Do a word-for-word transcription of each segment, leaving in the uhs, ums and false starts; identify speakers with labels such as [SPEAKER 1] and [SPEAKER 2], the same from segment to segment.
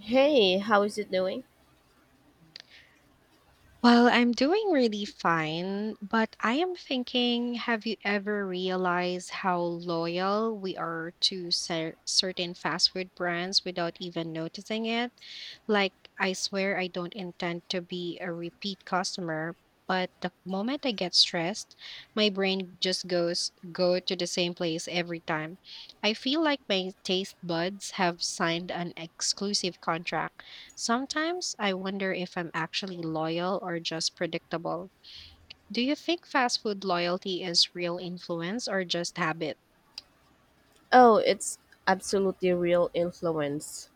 [SPEAKER 1] Hey, how is it doing?
[SPEAKER 2] Well, I'm doing really fine, but I am thinking, have you ever realized how loyal we are to cer certain fast food brands without even noticing it? Like, I swear I don't intend to be a repeat customer, but the moment I get stressed, my brain just goes go to the same place every time. I feel like my taste buds have signed an exclusive contract. Sometimes I wonder if I'm actually loyal or just predictable. Do you think fast food loyalty is real influence or just habit?
[SPEAKER 1] Oh, it's absolutely real influence.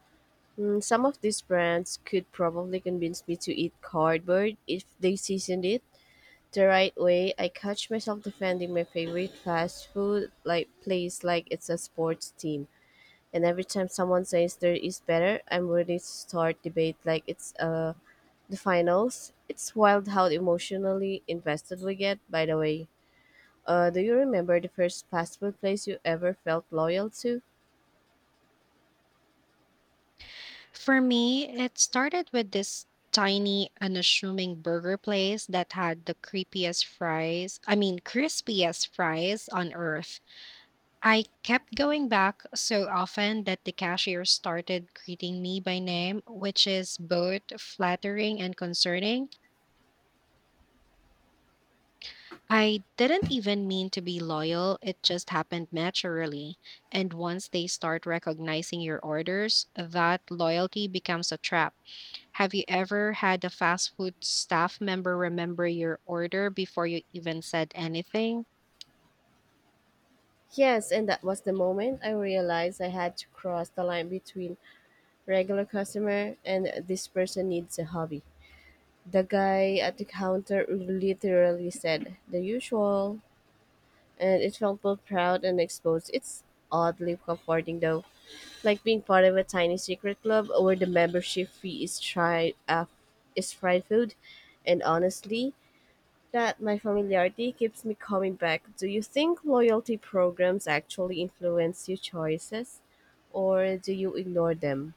[SPEAKER 1] Mm, some of these brands could probably convince me to eat cardboard if they seasoned it the right way. I catch myself defending my favorite fast food like place like it's a sports team. And every time someone says there is better, I'm ready to start debate like it's uh the finals. It's wild how emotionally invested we get, by the way. Uh, do you remember the first fast food place you ever felt loyal to?
[SPEAKER 2] For me, it started with this tiny, unassuming burger place that had the creepiest fries, I mean, crispiest fries on earth. I kept going back so often that the cashier started greeting me by name, which is both flattering and concerning. I didn't even mean to be loyal, it just happened naturally. And once they start recognizing your orders, that loyalty becomes a trap. Have you ever had a fast food staff member remember your order before you even said anything?
[SPEAKER 1] Yes, and that was the moment I realized I had to cross the line between regular customer and this person needs a hobby. The guy at the counter literally said the usual, and it felt both proud and exposed. It's oddly comforting though, like being part of a tiny secret club where the membership fee is tried uh, is fried food, and honestly, that my familiarity keeps me coming back. Do you think loyalty programs actually influence your choices or do you ignore them?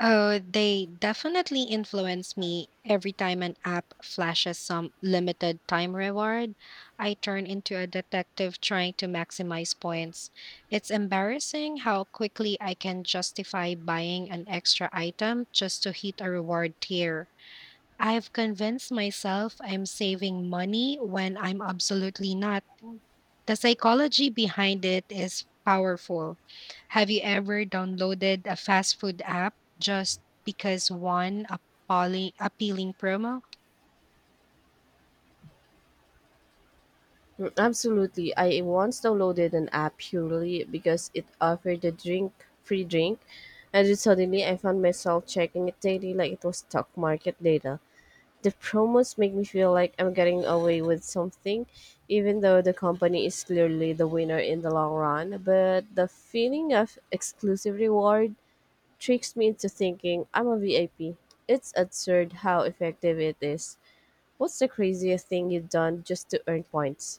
[SPEAKER 2] Oh, they definitely influence me every time an app flashes some limited time reward. I turn into a detective trying to maximize points. It's embarrassing how quickly I can justify buying an extra item just to hit a reward tier. I've convinced myself I'm saving money when I'm absolutely not. The psychology behind it is powerful. Have you ever downloaded a fast food app just because one appalling, appealing promo?
[SPEAKER 1] Mm, absolutely. I once downloaded an app purely because it offered a drink, free drink, and then suddenly I found myself checking it daily like it was stock market data. The promos make me feel like I'm getting away with something, even though the company is clearly the winner in the long run. But the feeling of exclusive reward tricks me into thinking I'm a V I P. It's absurd how effective it is. What's the craziest thing you've done just to earn points?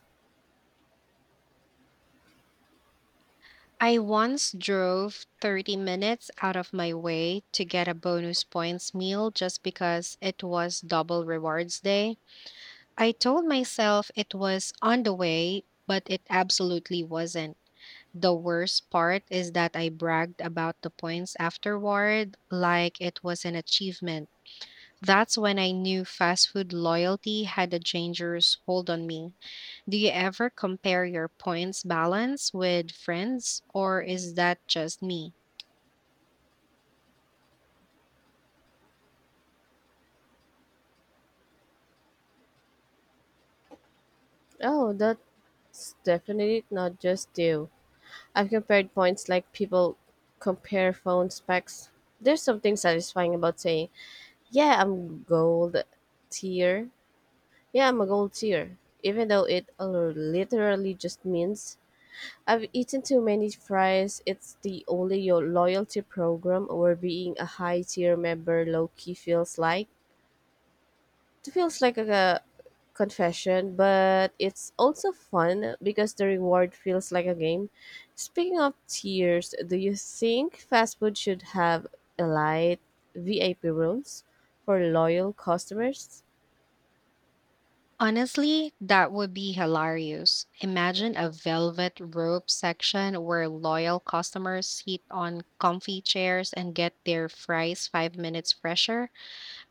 [SPEAKER 2] I once drove thirty minutes out of my way to get a bonus points meal just because it was double rewards day. I told myself it was on the way, but it absolutely wasn't. The worst part is that I bragged about the points afterward like it was an achievement. That's when I knew fast food loyalty had a dangerous hold on me. Do you ever compare your points balance with friends, or is that just me?
[SPEAKER 1] Oh, that's definitely not just you. I've compared points like people compare phone specs. There's something satisfying about saying, yeah, I'm gold tier. Yeah, I'm a gold tier. Even though it literally just means I've eaten too many fries. It's the only yo- loyalty program where being a high tier member low key feels like. It feels like a confession, but it's also fun because the reward feels like a game. Speaking of tiers, do you think fast food should have elite V I P rooms for loyal customers?
[SPEAKER 2] Honestly, that would be hilarious. Imagine a velvet rope section where loyal customers sit on comfy chairs and get their fries five minutes fresher.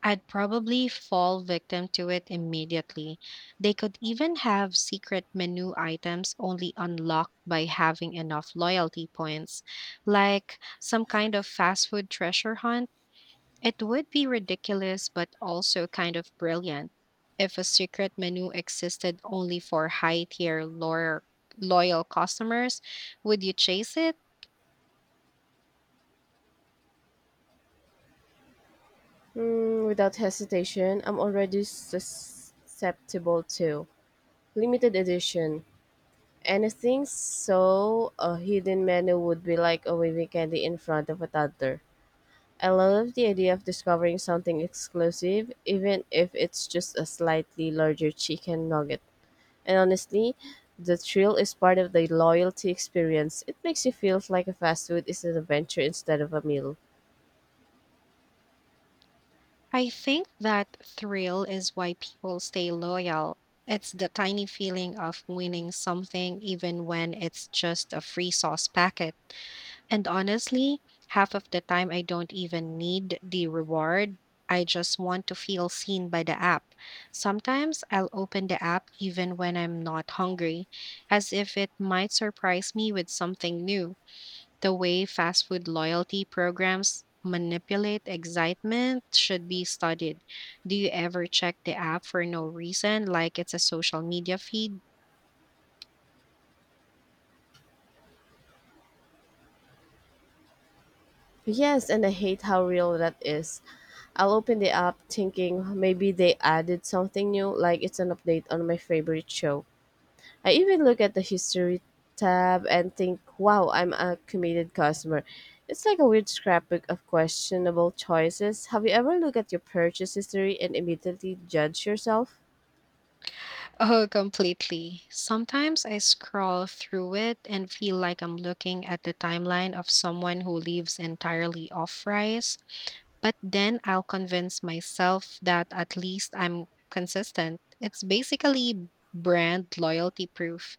[SPEAKER 2] I'd probably fall victim to it immediately. They could even have secret menu items only unlocked by having enough loyalty points, like some kind of fast food treasure hunt. It would be ridiculous, but also kind of brilliant, if a secret menu existed only for high tier loyal, loyal customers. Would you chase it?
[SPEAKER 1] Mm, without hesitation, I'm already susceptible to limited edition anything, so a hidden menu would be like a waving candy in front of a toddler. I love the idea of discovering something exclusive, even if it's just a slightly larger chicken nugget. And honestly, the thrill is part of the loyalty experience. It makes you feel like a fast food is an adventure instead of a meal.
[SPEAKER 2] I think that thrill is why people stay loyal. It's the tiny feeling of winning something, even when it's just a free sauce packet. And honestly, half of the time I don't even need the reward. I just want to feel seen by the app. Sometimes I'll open the app even when I'm not hungry, as if it might surprise me with something new. The way fast food loyalty programs manipulate excitement should be studied. Do you ever check the app for no reason, like it's a social media feed?
[SPEAKER 1] Yes, and I hate how real that is. I'll open the app thinking maybe they added something new, like it's an update on my favorite show. I even look at the history tab and think, wow, I'm a committed customer. It's like a weird scrapbook of questionable choices. Have you ever looked at your purchase history and immediately judged yourself?
[SPEAKER 2] Oh, completely. Sometimes I scroll through it and feel like I'm looking at the timeline of someone who lives entirely off rice, but then I'll convince myself that at least I'm consistent. It's basically brand loyalty proof.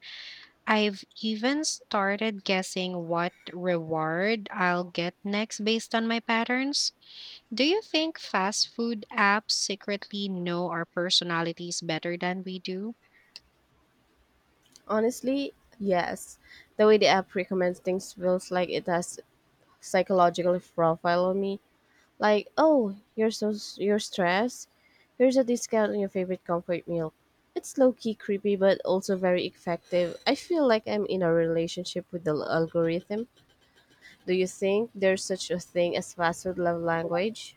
[SPEAKER 2] I've even started guessing what reward I'll get next based on my patterns. Do you think fast food apps secretly know our personalities better than we do?
[SPEAKER 1] Honestly, yes. The way the app recommends things feels like it has psychological profile on me. Like, oh, you're so s- you're stressed. Here's a discount on your favorite comfort meal. It's low key creepy, but also very effective. I feel like I'm in a relationship with the l- algorithm. Do you think there's such a thing as fast food love language?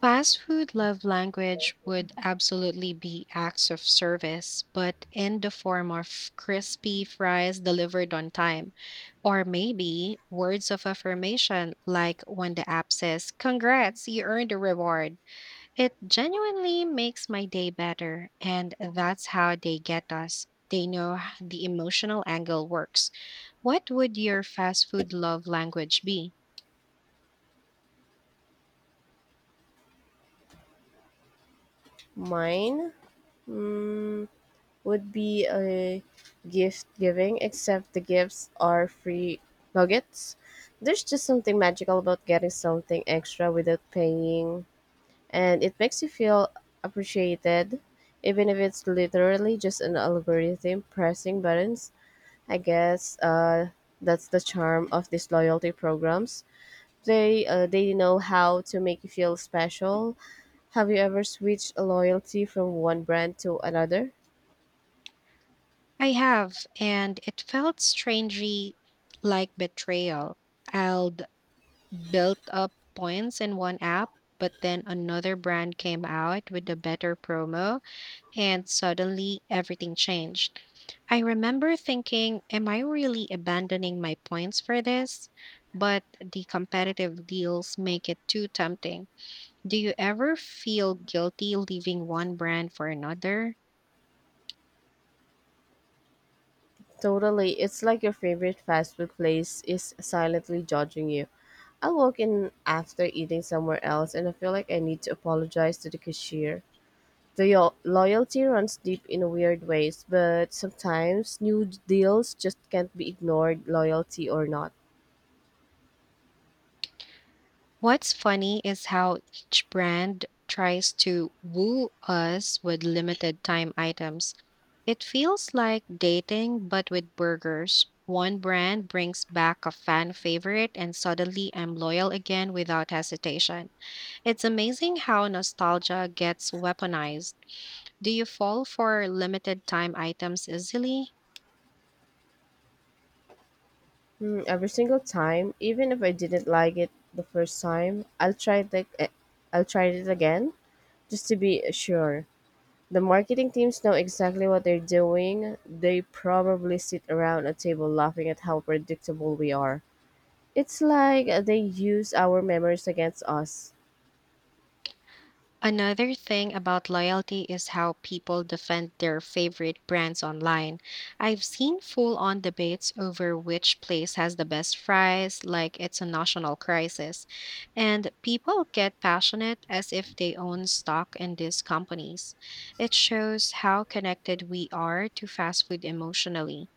[SPEAKER 2] Fast food love language would absolutely be acts of service, but in the form of crispy fries delivered on time, or maybe words of affirmation like when the app says, Congrats, you earned a reward. It genuinely makes my day better, and that's how they get us. They know h- the emotional angle works. What would your fast food love language be?
[SPEAKER 1] Mine mm, would be a gift giving, except the gifts are free nuggets. There's just something magical about getting something extra without paying, and it makes you feel appreciated, even if it's literally just an algorithm pressing buttons. I guess uh, that's the charm of these loyalty programs. They uh, they know how to make you feel special. Have you ever switched a loyalty from one brand to another?
[SPEAKER 2] I have, and it felt strangely like betrayal. I'd built up points in one app, but then another brand came out with a better promo, and suddenly everything changed. I remember thinking, am I really abandoning my points for this? But the competitive deals make it too tempting. Do you ever feel guilty leaving one brand for another?
[SPEAKER 1] Totally, it's like your favorite fast food place is silently judging you. I walk in after eating somewhere else and I feel like I need to apologize to the cashier. The yo- loyalty runs deep in weird ways, but sometimes new deals just can't be ignored, loyalty or not.
[SPEAKER 2] What's funny is how each brand tries to woo us with limited time items. It feels like dating, but with burgers. One brand brings back a fan favorite, and suddenly I'm loyal again without hesitation. It's amazing how nostalgia gets weaponized. Do you fall for limited time items easily?
[SPEAKER 1] Hmm, every single time, even if I didn't like it the first time, I'll try it. ag- eh, I'll try it again just to be sure. The marketing teams know exactly what they're doing. They probably sit around a table laughing at how predictable we are. It's like they use our memories against us.
[SPEAKER 2] Another thing about loyalty is how people defend their favorite brands online. I've seen full on debates over which place has the best fries, like it's a national crisis. And people get passionate as if they own stock in these companies. It shows how connected we are to fast food emotionally.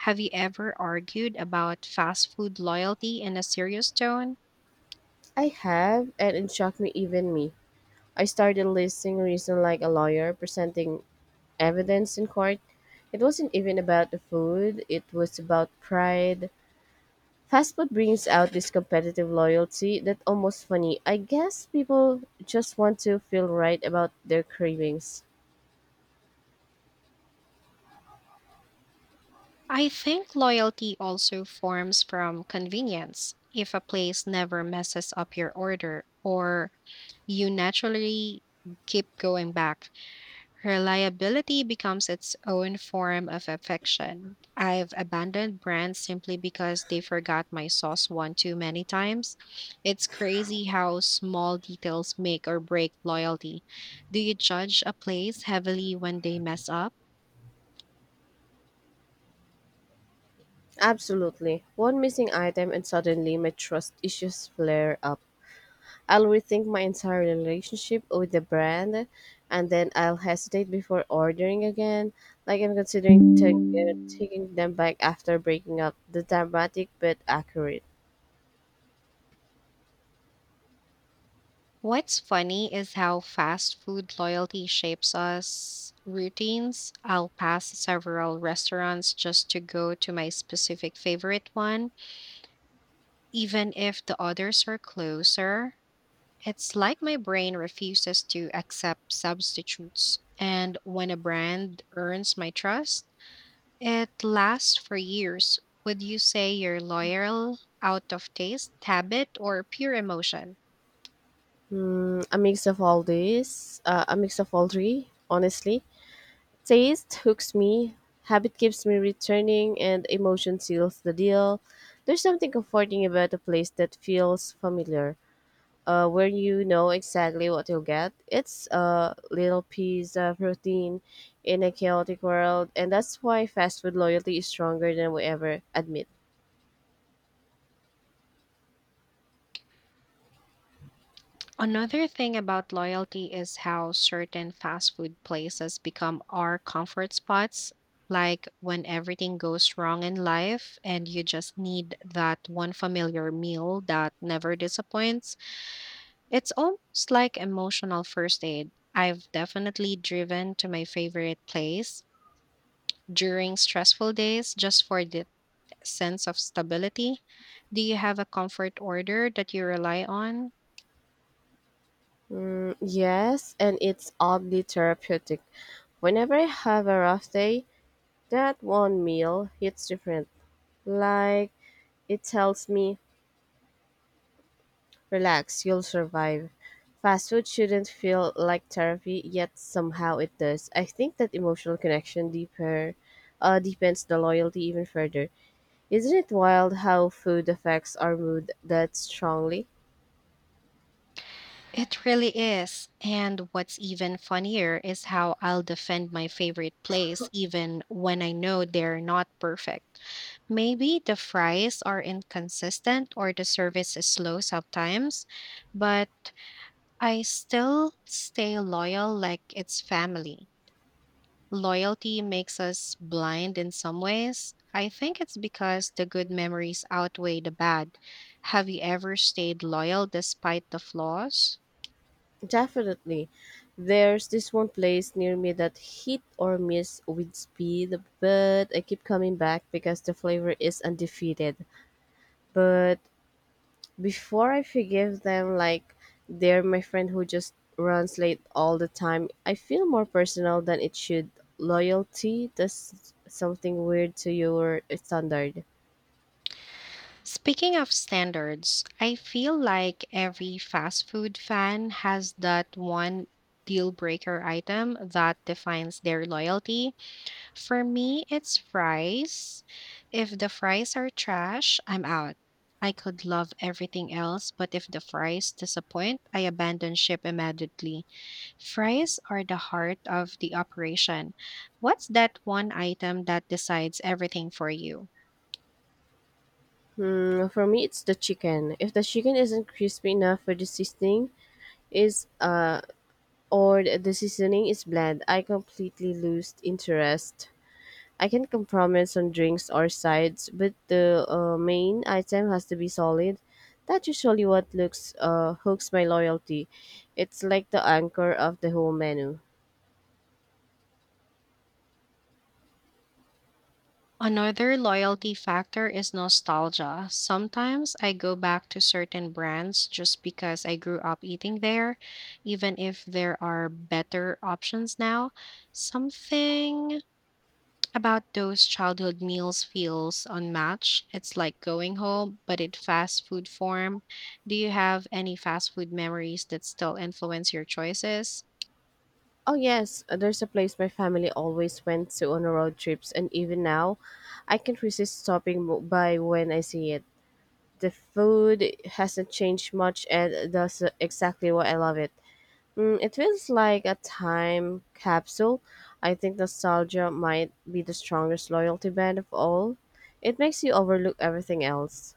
[SPEAKER 2] Have you ever argued about fast food loyalty in a serious tone?
[SPEAKER 1] I have, and it shocked me even me. I started listing reasons like a lawyer, presenting evidence in court. It wasn't even about the food, it was about pride. Fast food brings out this competitive loyalty that almost funny. I guess people just want to feel right about their cravings.
[SPEAKER 2] I think loyalty also forms from convenience. If a place never messes up your order or you naturally keep going back, reliability becomes its own form of affection. I've abandoned brands simply because they forgot my sauce one too many times. It's crazy how small details make or break loyalty. Do you judge a place heavily when they mess up?
[SPEAKER 1] Absolutely. One missing item and suddenly my trust issues flare up. I'll rethink my entire relationship with the brand and then I'll hesitate before ordering again. Like I'm considering ta- uh, taking them back after breaking up. The dramatic but accurate.
[SPEAKER 2] What's funny is how fast food loyalty shapes us routines. I'll pass several restaurants just to go to my specific favorite one, even if the others are closer. It's like my brain refuses to accept substitutes. And when a brand earns my trust, it lasts for years. Would you say you're loyal out of taste, habit, or pure emotion?
[SPEAKER 1] Hmm, a mix of all these, uh, a mix of all three, honestly. Taste hooks me, habit keeps me returning, and emotion seals the deal. There's something comforting about a place that feels familiar, uh, where you know exactly what you'll get. It's a little piece of routine in a chaotic world, and that's why fast food loyalty is stronger than we ever admit.
[SPEAKER 2] Another thing about loyalty is how certain fast food places become our comfort spots. Like when everything goes wrong in life and you just need that one familiar meal that never disappoints, it's almost like emotional first aid. I've definitely driven to my favorite place during stressful days just for the sense of stability. Do you have a comfort order that you rely on?
[SPEAKER 1] Mm, yes, and it's oddly therapeutic. Whenever I have a rough day, that one meal hits different. Like, it tells me, relax, you'll survive. Fast food shouldn't feel like therapy, yet somehow it does. I think that emotional connection deeper uh, deepens the loyalty even further. Isn't it wild how food affects our mood that strongly?
[SPEAKER 2] It really is. And what's even funnier is how I'll defend my favorite place even when I know they're not perfect. Maybe the fries are inconsistent or the service is slow sometimes, but I still stay loyal like it's family. Loyalty makes us blind in some ways. I think it's because the good memories outweigh the bad. Have you ever stayed loyal despite the flaws?
[SPEAKER 1] Definitely. There's this one place near me that hit or miss with speed, but I keep coming back because the flavor is undefeated. But before I forgive them, like they're my friend who just runs late all the time, I feel more personal than it should. Loyalty does something weird to your standard.
[SPEAKER 2] Speaking of standards, I feel like every fast food fan has that one deal breaker item that defines their loyalty. For me, it's fries. If the fries are trash, I'm out. I could love everything else, but if the fries disappoint, I abandon ship immediately. Fries are the heart of the operation. What's that one item that decides everything for you?
[SPEAKER 1] Hmm, for me, it's the chicken. If the chicken isn't crispy enough for the seasoning, is uh, or the seasoning is bland, I completely lose interest. I can compromise on drinks or sides, but the uh, main item has to be solid. That's usually what looks uh, hooks my loyalty. It's like the anchor of the whole menu.
[SPEAKER 2] Another loyalty factor is nostalgia. Sometimes I go back to certain brands just because I grew up eating there, even if there are better options now. Something about those childhood meals feels unmatched. It's like going home, but in fast food form. Do you have any fast food memories that still influence your choices?
[SPEAKER 1] Oh yes, uh, there's a place my family always went to on road trips, and even now, I can't resist stopping mo- by when I see it. The food hasn't changed much, and that's exactly why I love it. Mm, it feels like a time capsule. I think nostalgia might be the strongest loyalty band of all. It makes you overlook everything else.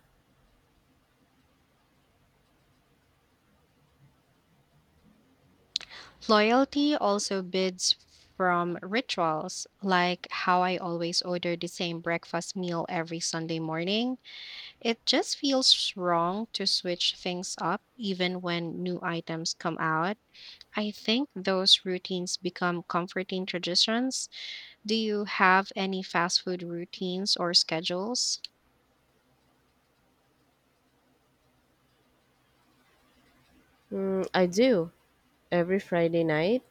[SPEAKER 2] Loyalty also bids from rituals, like how I always order the same breakfast meal every Sunday morning. It just feels wrong to switch things up even when new items come out. I think those routines become comforting traditions. Do you have any fast food routines or schedules?
[SPEAKER 1] Mm, I do. Every Friday night,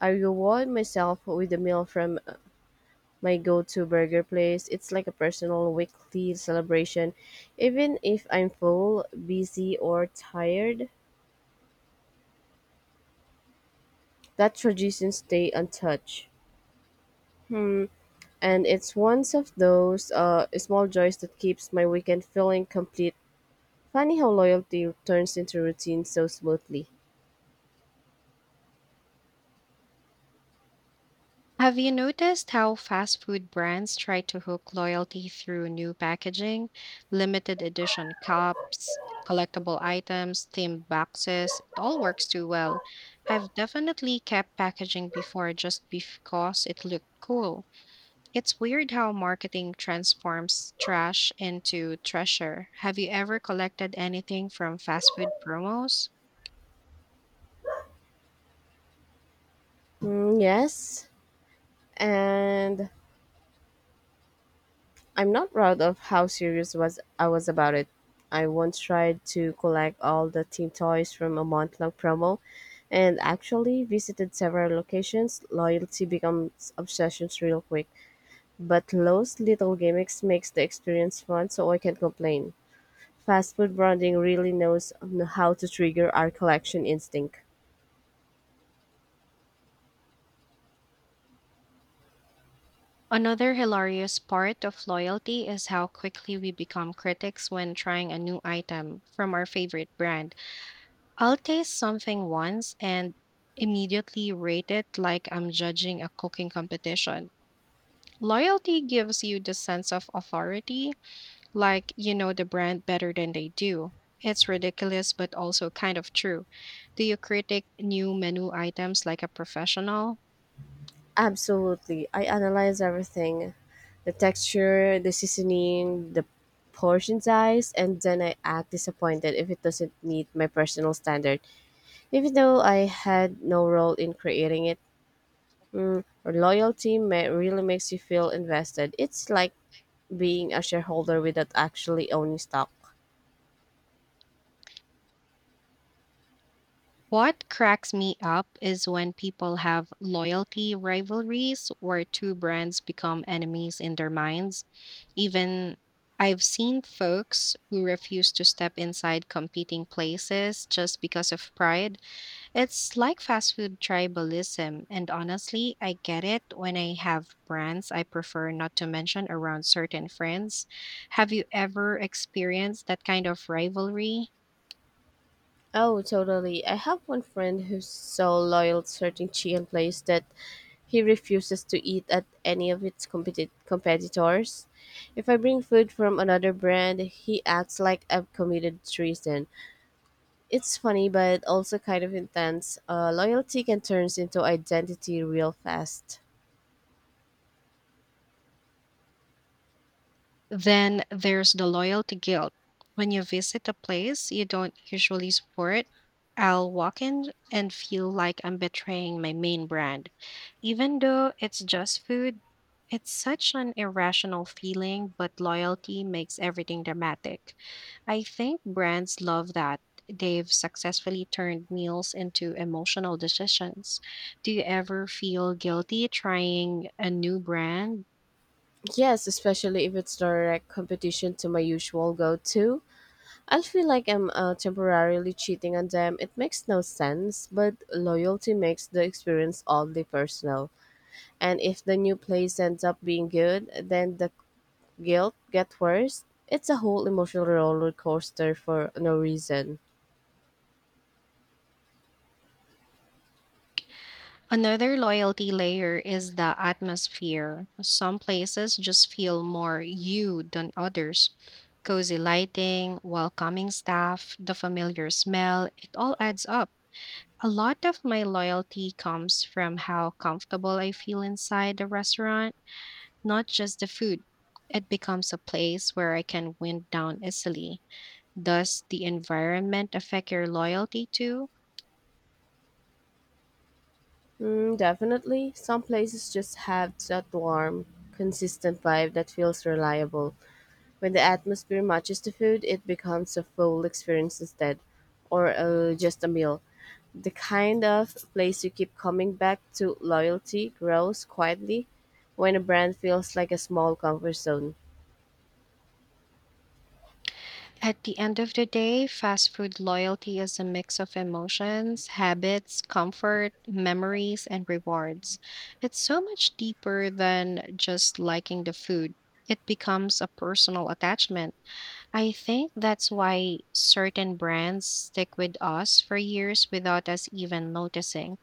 [SPEAKER 1] I reward myself with a meal from uh, my go to burger place. It's like a personal weekly celebration. Even if I'm full, busy, or tired, that tradition stays untouched. Hmm, and it's one of those uh, small joys that keeps my weekend feeling complete. Funny how loyalty turns into routine so smoothly.
[SPEAKER 2] Have you noticed how fast food brands try to hook loyalty through new packaging, limited edition cups, collectible items, themed boxes? It all works too well. I've definitely kept packaging before just because it looked cool. It's weird how marketing transforms trash into treasure. Have you ever collected anything from fast food promos?
[SPEAKER 1] Mm, yes, and I'm not proud of how serious was I was about it. I once tried to collect all the team toys from a month-long promo, and actually visited several locations. Loyalty becomes obsessions real quick, but those little gimmicks makes the experience fun, so I can't complain. Fast food branding really knows how to trigger our collection instinct.
[SPEAKER 2] Another hilarious part of loyalty is how quickly we become critics when trying a new item from our favorite brand. I'll taste something once and immediately rate it like I'm judging a cooking competition. Loyalty gives you the sense of authority, like you know the brand better than they do. It's ridiculous, but also kind of true. Do you critique new menu items like a professional?
[SPEAKER 1] Absolutely. I analyze everything: the texture, the seasoning, the portion size, and then I act disappointed if it doesn't meet my personal standard, even though I had no role in creating it. Mm, loyalty ma- really makes you feel invested. It's like being a shareholder without actually owning stock.
[SPEAKER 2] What cracks me up is when people have loyalty rivalries where two brands become enemies in their minds. Even I've seen folks who refuse to step inside competing places just because of pride. It's like fast food tribalism. And honestly, I get it when I have brands I prefer not to mention around certain friends. Have you ever experienced that kind of rivalry?
[SPEAKER 1] Oh, totally. I have one friend who's so loyal to certain chicken place that he refuses to eat at any of its competi- competitors. If I bring food from another brand, he acts like I've committed treason. It's funny, but also kind of intense. Uh, loyalty can turn into identity real fast.
[SPEAKER 2] Then there's the loyalty guilt. When you visit a place you don't usually support, I'll walk in and feel like I'm betraying my main brand. Even though it's just food, it's such an irrational feeling, but loyalty makes everything dramatic. I think brands love that. They've successfully turned meals into emotional decisions. Do you ever feel guilty trying a new brand?
[SPEAKER 1] Yes, especially if it's direct competition to my usual go to. I'll feel like I'm uh, temporarily cheating on them. It makes no sense, but loyalty makes the experience oddly personal. And if the new place ends up being good, then the guilt gets worse. It's a whole emotional roller coaster for no reason.
[SPEAKER 2] Another loyalty layer is the atmosphere. Some places just feel more you than others. Cozy lighting, welcoming staff, the familiar smell, it all adds up. A lot of my loyalty comes from how comfortable I feel inside the restaurant, not just the food. It becomes a place where I can wind down easily. Does the environment affect your loyalty too?
[SPEAKER 1] Mm, definitely, some places just have that warm, consistent vibe that feels reliable. When the atmosphere matches the food, it becomes a full experience instead, or uh, just a meal. The kind of place you keep coming back to. Loyalty grows quietly when a brand feels like a small comfort zone.
[SPEAKER 2] At the end of the day, fast food loyalty is a mix of emotions, habits, comfort, memories, and rewards. It's so much deeper than just liking the food. It becomes a personal attachment. I think that's why certain brands stick with us for years without us even noticing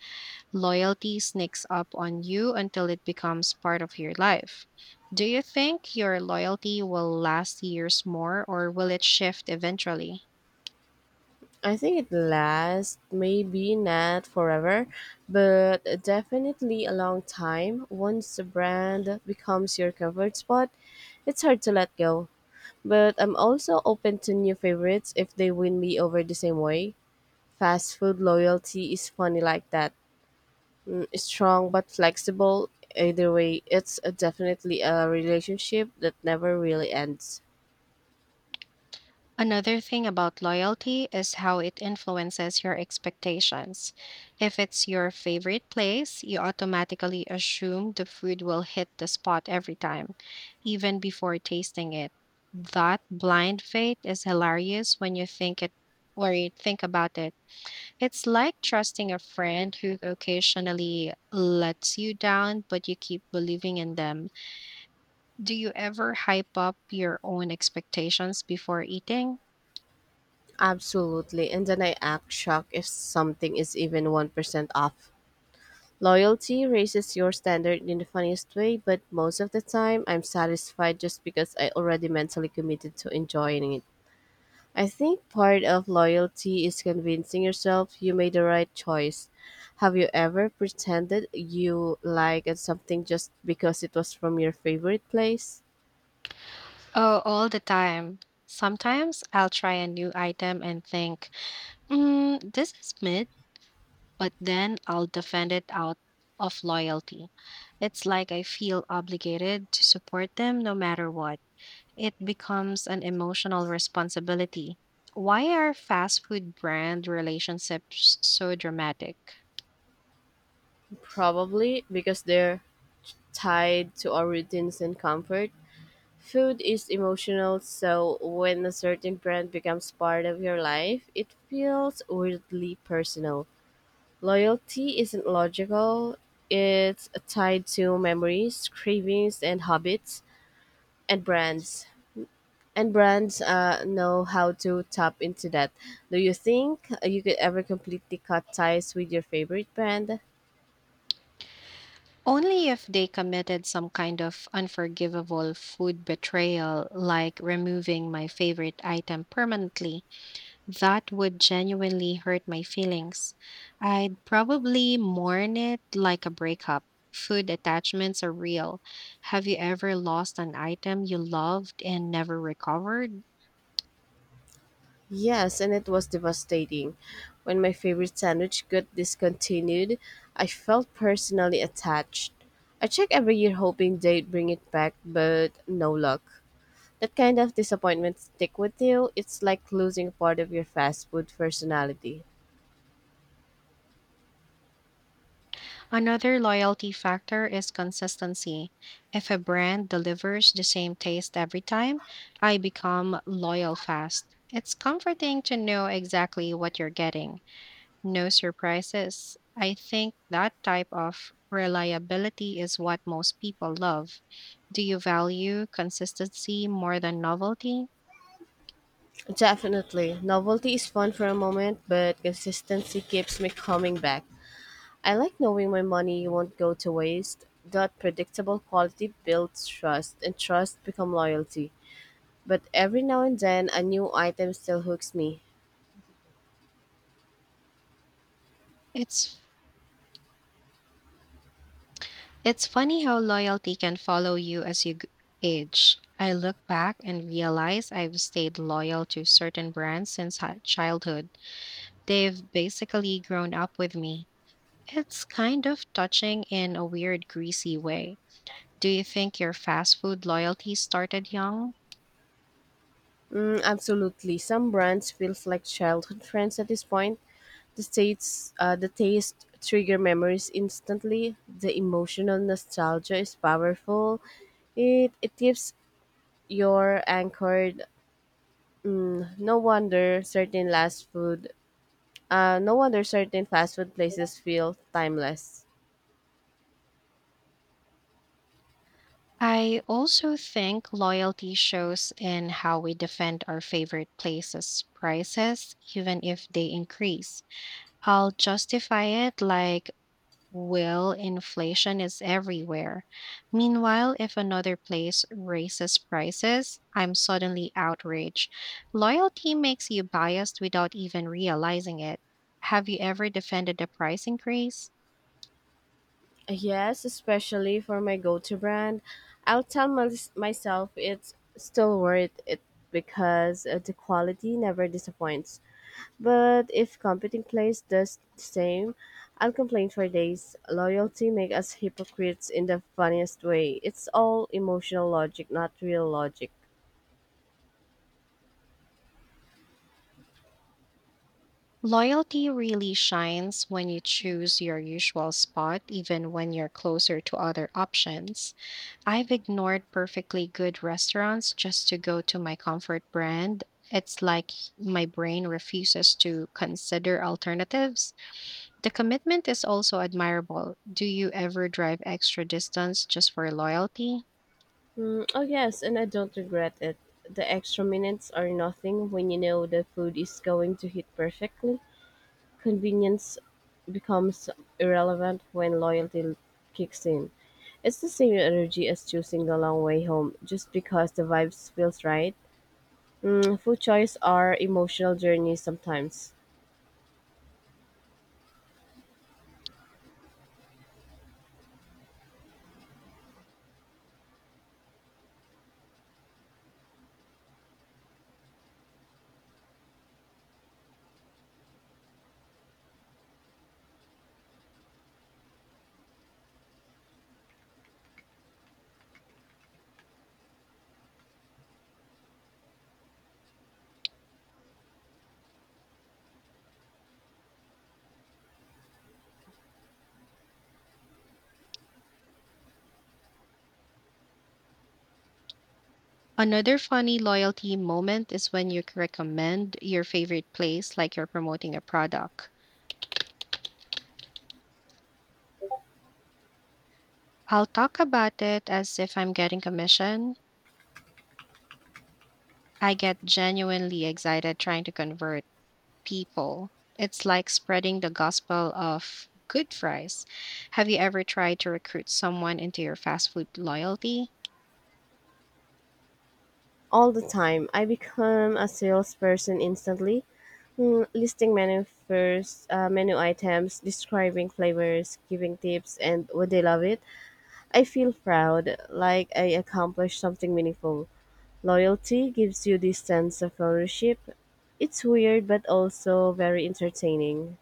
[SPEAKER 2] loyalty sneaks up on you until it becomes part of your life. Do you think your loyalty will last years more or will it shift eventually?
[SPEAKER 1] I think it lasts maybe not forever, but definitely a long time. Once the brand becomes your comfort spot, it's hard to let go. But I'm also open to new favorites if they win me over the same way. Fast food loyalty is funny like that. Mm, strong but flexible. Either way, it's a definitely a relationship that never really ends.
[SPEAKER 2] Another thing about loyalty is how it influences your expectations. If it's your favorite place, you automatically assume the food will hit the spot every time, even before tasting it. That blind faith is hilarious when you think it or you think about it. It's like trusting a friend who occasionally lets you down, but you keep believing in them. Do you ever hype up your own expectations before eating?
[SPEAKER 1] Absolutely. And then I act shocked if something is even one percent off. Loyalty raises your standard in the funniest way, but most of the time I'm satisfied just because I already mentally committed to enjoying it. I think part of loyalty is convincing yourself you made the right choice. Have you ever pretended you liked something just because it was from your favorite place?
[SPEAKER 2] Oh, all the time. Sometimes I'll try a new item and think, mm, this is mid, but then I'll defend it out of loyalty. It's like I feel obligated to support them no matter what. It becomes an emotional responsibility. Why are fast food brand relationships so dramatic?
[SPEAKER 1] Probably because they're tied to our routines and comfort. Food is emotional, so when a certain brand becomes part of your life, it feels weirdly personal. Loyalty isn't logical, it's tied to memories, cravings, and habits. and brands and brands uh, know how to tap into that. Do you think uh, you could ever completely cut ties with your favorite brand?
[SPEAKER 2] Only if they committed some kind of unforgivable food betrayal, like removing my favorite item permanently, that would genuinely hurt my feelings. I'd probably mourn it like a breakup. Food attachments are real. Have you ever lost an item you loved and never recovered?
[SPEAKER 1] Yes, and it was devastating when my favorite sandwich got discontinued. I felt personally attached. I check every year hoping they'd bring it back, but no luck. That kind of disappointment stick with you. It's like losing part of your fast food personality.
[SPEAKER 2] Another loyalty factor is consistency. If a brand delivers the same taste every time, I become loyal fast. It's comforting to know exactly what you're getting. No surprises. I think that type of reliability is what most people love. Do you value consistency more than novelty?
[SPEAKER 1] Definitely. Novelty is fun for a moment, but consistency keeps me coming back. I like knowing my money won't go to waste. That predictable quality builds trust, and trust becomes loyalty. But every now and then, a new item still hooks me.
[SPEAKER 2] It's It's funny how loyalty can follow you as you g- age. I look back and realize I've stayed loyal to certain brands since hi- childhood. They've basically grown up with me. It's kind of touching in a weird, greasy way. Do you think your fast food loyalty started young?
[SPEAKER 1] Mm, absolutely. Some brands feels like childhood friends at this point. The states, uh, the taste trigger memories instantly. The emotional nostalgia is powerful. It it keeps your anchored. No wonder certain last food, uh, No wonder certain fast food places feel timeless.
[SPEAKER 2] I also think loyalty shows in how we defend our favorite places' prices, even if they increase. I'll justify it like, well, inflation is everywhere. Meanwhile, if another place raises prices, I'm suddenly outraged. Loyalty makes you biased without even realizing it. Have you ever defended a price increase?
[SPEAKER 1] Yes, especially for my go-to brand, I'll tell mys myself it's still worth it because uh, the quality never disappoints. But if competing place does the same, I'll complain for days. Loyalty make us hypocrites in the funniest way. It's all emotional logic, not real logic.
[SPEAKER 2] Loyalty really shines when you choose your usual spot, even when you're closer to other options. I've ignored perfectly good restaurants just to go to my comfort brand. It's like my brain refuses to consider alternatives. The commitment is also admirable. Do you ever drive extra distance just for loyalty?
[SPEAKER 1] Mm, oh yes, and I don't regret it. The extra minutes are nothing when you know the food is going to hit perfectly. Convenience becomes irrelevant when loyalty kicks in. It's the same energy as choosing the long way home just because the vibes feels right. Mm, food choice are emotional journeys sometimes.
[SPEAKER 2] Another funny loyalty moment is when you c- recommend your favorite place like you're promoting a product. I'll talk about it as if I'm getting commission. I get genuinely excited trying to convert people. It's like spreading the gospel of good fries. Have you ever tried to recruit someone into your fast food loyalty?
[SPEAKER 1] All the time. I become a salesperson instantly, mm, listing menu first, uh, menu items, describing flavors, giving tips, and would they love it? I feel proud, like I accomplished something meaningful. Loyalty gives you this sense of ownership. It's weird, but also very entertaining.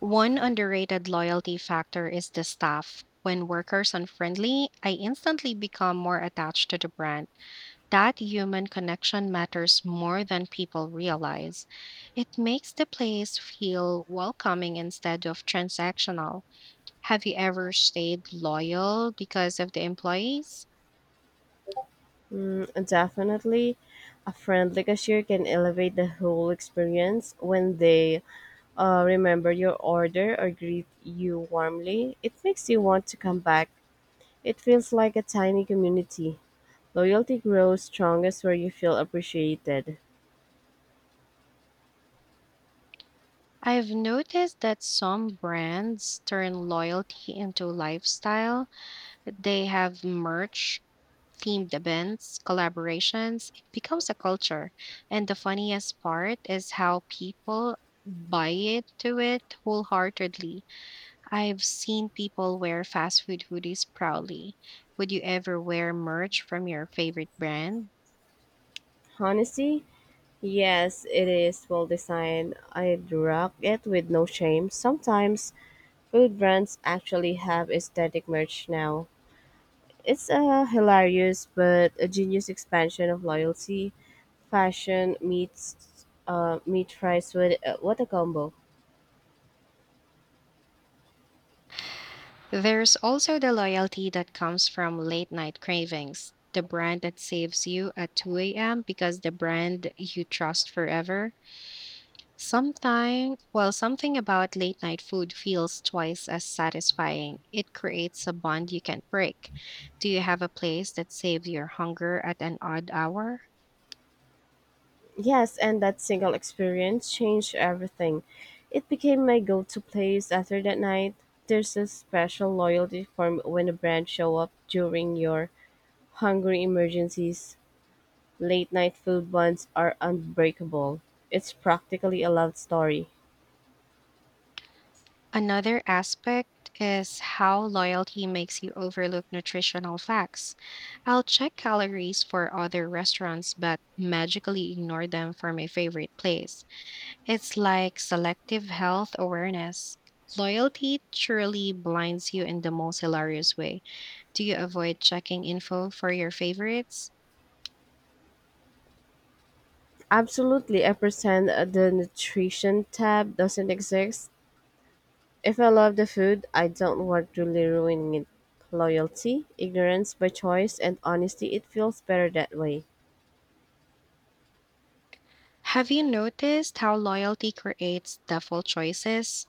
[SPEAKER 2] One underrated loyalty factor is the staff. When workers are friendly, I instantly become more attached to the brand. That human connection matters more than people realize. It makes the place feel welcoming instead of transactional. Have you ever stayed loyal because of the employees?
[SPEAKER 1] Mm, definitely, a friendly cashier can elevate the whole experience when they Uh, remember your order or greet you warmly. It makes you want to come back. It feels like a tiny community. Loyalty grows strongest where you feel appreciated.
[SPEAKER 2] I've noticed that some brands turn loyalty into lifestyle. They have merch, themed events, collaborations. It becomes a culture. And the funniest part is how people buy it to it wholeheartedly. I've seen people wear fast food hoodies proudly. Would you ever wear merch from your favorite brand?
[SPEAKER 1] Honesty? Yes, it is well designed. I'd rock it with no shame. Sometimes food brands actually have aesthetic merch now. It's a hilarious but a genius expansion of loyalty. Fashion meets uh, meat fries with uh, what a combo.
[SPEAKER 2] There's also the loyalty that comes from late night cravings, the brand that saves you at two a m because the brand you trust forever. Sometime, well, something about late night food feels twice as satisfying. It creates a bond you can't break. Do you have a place that saves your hunger at an odd hour?
[SPEAKER 1] Yes, and that single experience changed everything. It became my go-to place after that night. There's a special loyalty form when a brand show up during your hungry emergencies. Late night food buns are unbreakable. It's practically a love story.
[SPEAKER 2] Another aspect is how loyalty makes you overlook nutritional facts. I'll check calories for other restaurants, but magically ignore them for my favorite place. It's like selective health awareness. Loyalty truly blinds you in the most hilarious way. Do you avoid checking info for your favorites?
[SPEAKER 1] Absolutely, I pretend the nutrition tab doesn't exist. If I love the food, I don't want really ruining it. Loyalty, ignorance by choice, and honesty, it feels better that way.
[SPEAKER 2] Have you noticed how loyalty creates default choices?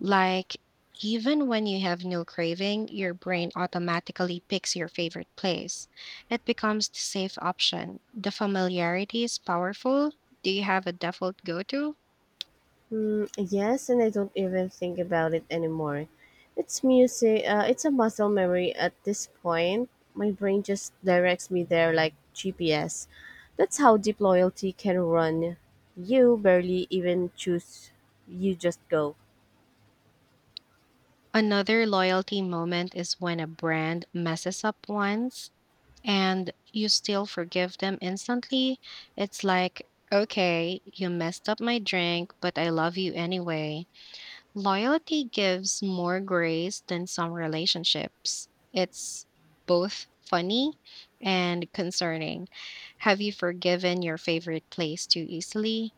[SPEAKER 2] Like, even when you have no craving, your brain automatically picks your favorite place. It becomes the safe option. The familiarity is powerful. Do you have a default go to?
[SPEAKER 1] Mm, yes, and I don't even think about it anymore. It's music. Uh, it's a muscle memory at this point. My brain just directs me there like G P S. That's how deep loyalty can run. You barely even choose. You just go.
[SPEAKER 2] Another loyalty moment is when a brand messes up once and you still forgive them instantly. It's like, okay, you messed up my drink, but I love you anyway. Loyalty gives more grace than some relationships. It's both funny and concerning. Have you forgiven your favorite place too easily?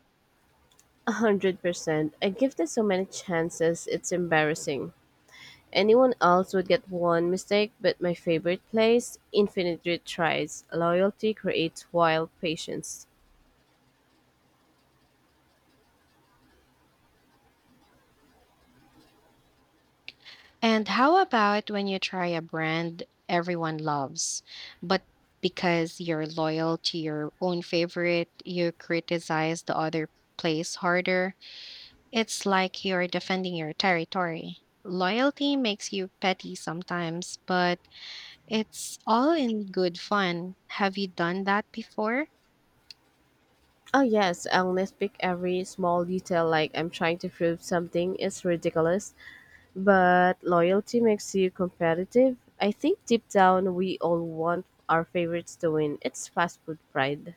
[SPEAKER 1] A hundred percent. I give this so many chances. It's embarrassing. Anyone else would get one mistake, but my favorite place, infinite retries. Loyalty creates wild patience.
[SPEAKER 2] And how about when you try a brand everyone loves, but because you're loyal to your own favorite, you criticize the other place harder? It's like you're defending your territory. Loyalty makes you petty sometimes, but it's all in good fun. Have you done that before?
[SPEAKER 1] Oh yes, I'll nitpick every small detail like I'm trying to prove something is ridiculous. But loyalty makes you competitive. I think deep down we all want our favorites to win. It's fast food pride.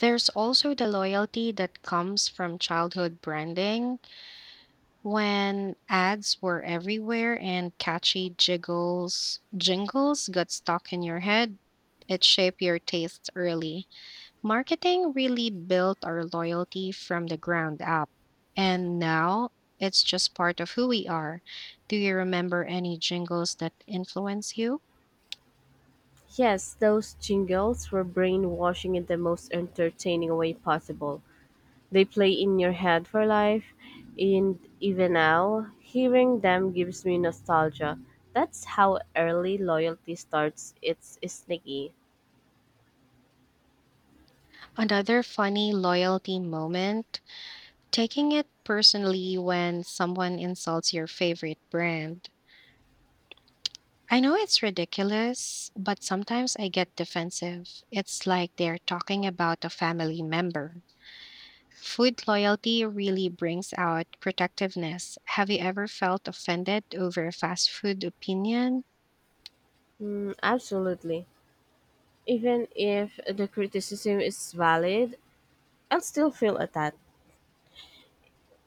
[SPEAKER 2] There's also the loyalty that comes from childhood branding when ads were everywhere and catchy jiggles jingles got stuck in your head. It shaped your tastes early. Marketing really built our loyalty from the ground up. And now it's just part of who we are. Do you remember any jingles that influence you?
[SPEAKER 1] Yes, those jingles were brainwashing in the most entertaining way possible. They play in your head for life, and even now, hearing them gives me nostalgia. That's how early loyalty starts. It's sneaky.
[SPEAKER 2] Another funny loyalty moment, taking it personally when someone insults your favorite brand. I know it's ridiculous, but sometimes I get defensive. It's like they're talking about a family member. Food loyalty really brings out protectiveness. Have you ever felt offended over a fast food opinion?
[SPEAKER 1] Mm, absolutely. Even if the criticism is valid, I'll still feel attacked.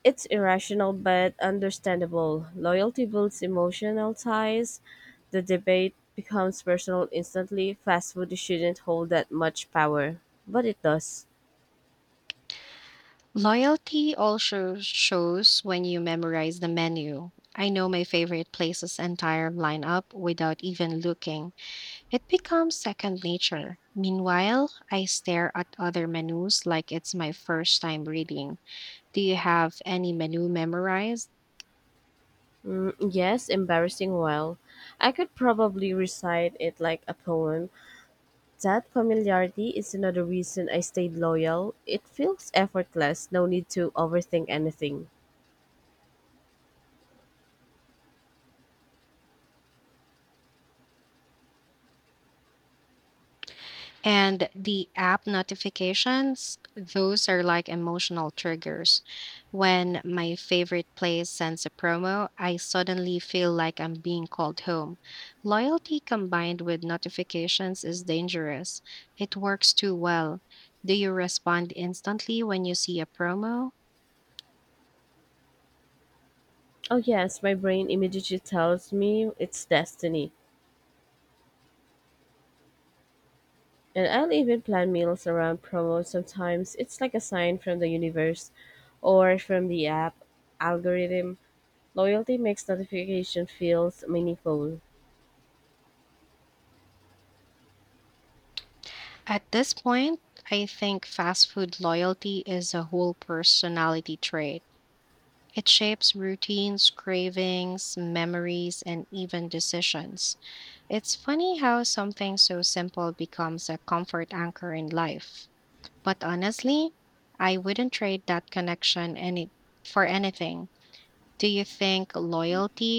[SPEAKER 1] It's irrational but understandable. Loyalty builds emotional ties. The debate becomes personal instantly. Fast food shouldn't hold that much power, but it does.
[SPEAKER 2] Loyalty also shows when you memorize the menu. I know my favorite place's entire lineup without even looking. It becomes second nature. Meanwhile, I stare at other menus like it's my first time reading. Do you have any menu memorized?
[SPEAKER 1] Mm, yes, embarrassing well. I could probably recite it like a poem. That familiarity is another reason I stayed loyal. It feels effortless, no need to overthink anything.
[SPEAKER 2] And the app notifications, those are like emotional triggers. When my favorite place sends a promo, I suddenly feel like I'm being called home. Loyalty combined with notifications is dangerous. It works too well. Do you respond instantly when you see a promo?
[SPEAKER 1] Oh, yes, my brain immediately tells me it's destiny. And I'll even plan meals around promos sometimes. It's like a sign from the universe or from the app algorithm. Loyalty makes notification feels meaningful.
[SPEAKER 2] At this point, I think fast food loyalty is a whole personality trait. It shapes routines, cravings, memories, and even decisions. It's funny how something so simple becomes a comfort anchor in life. But honestly, I wouldn't trade that connection any for anything. Do you think loyalty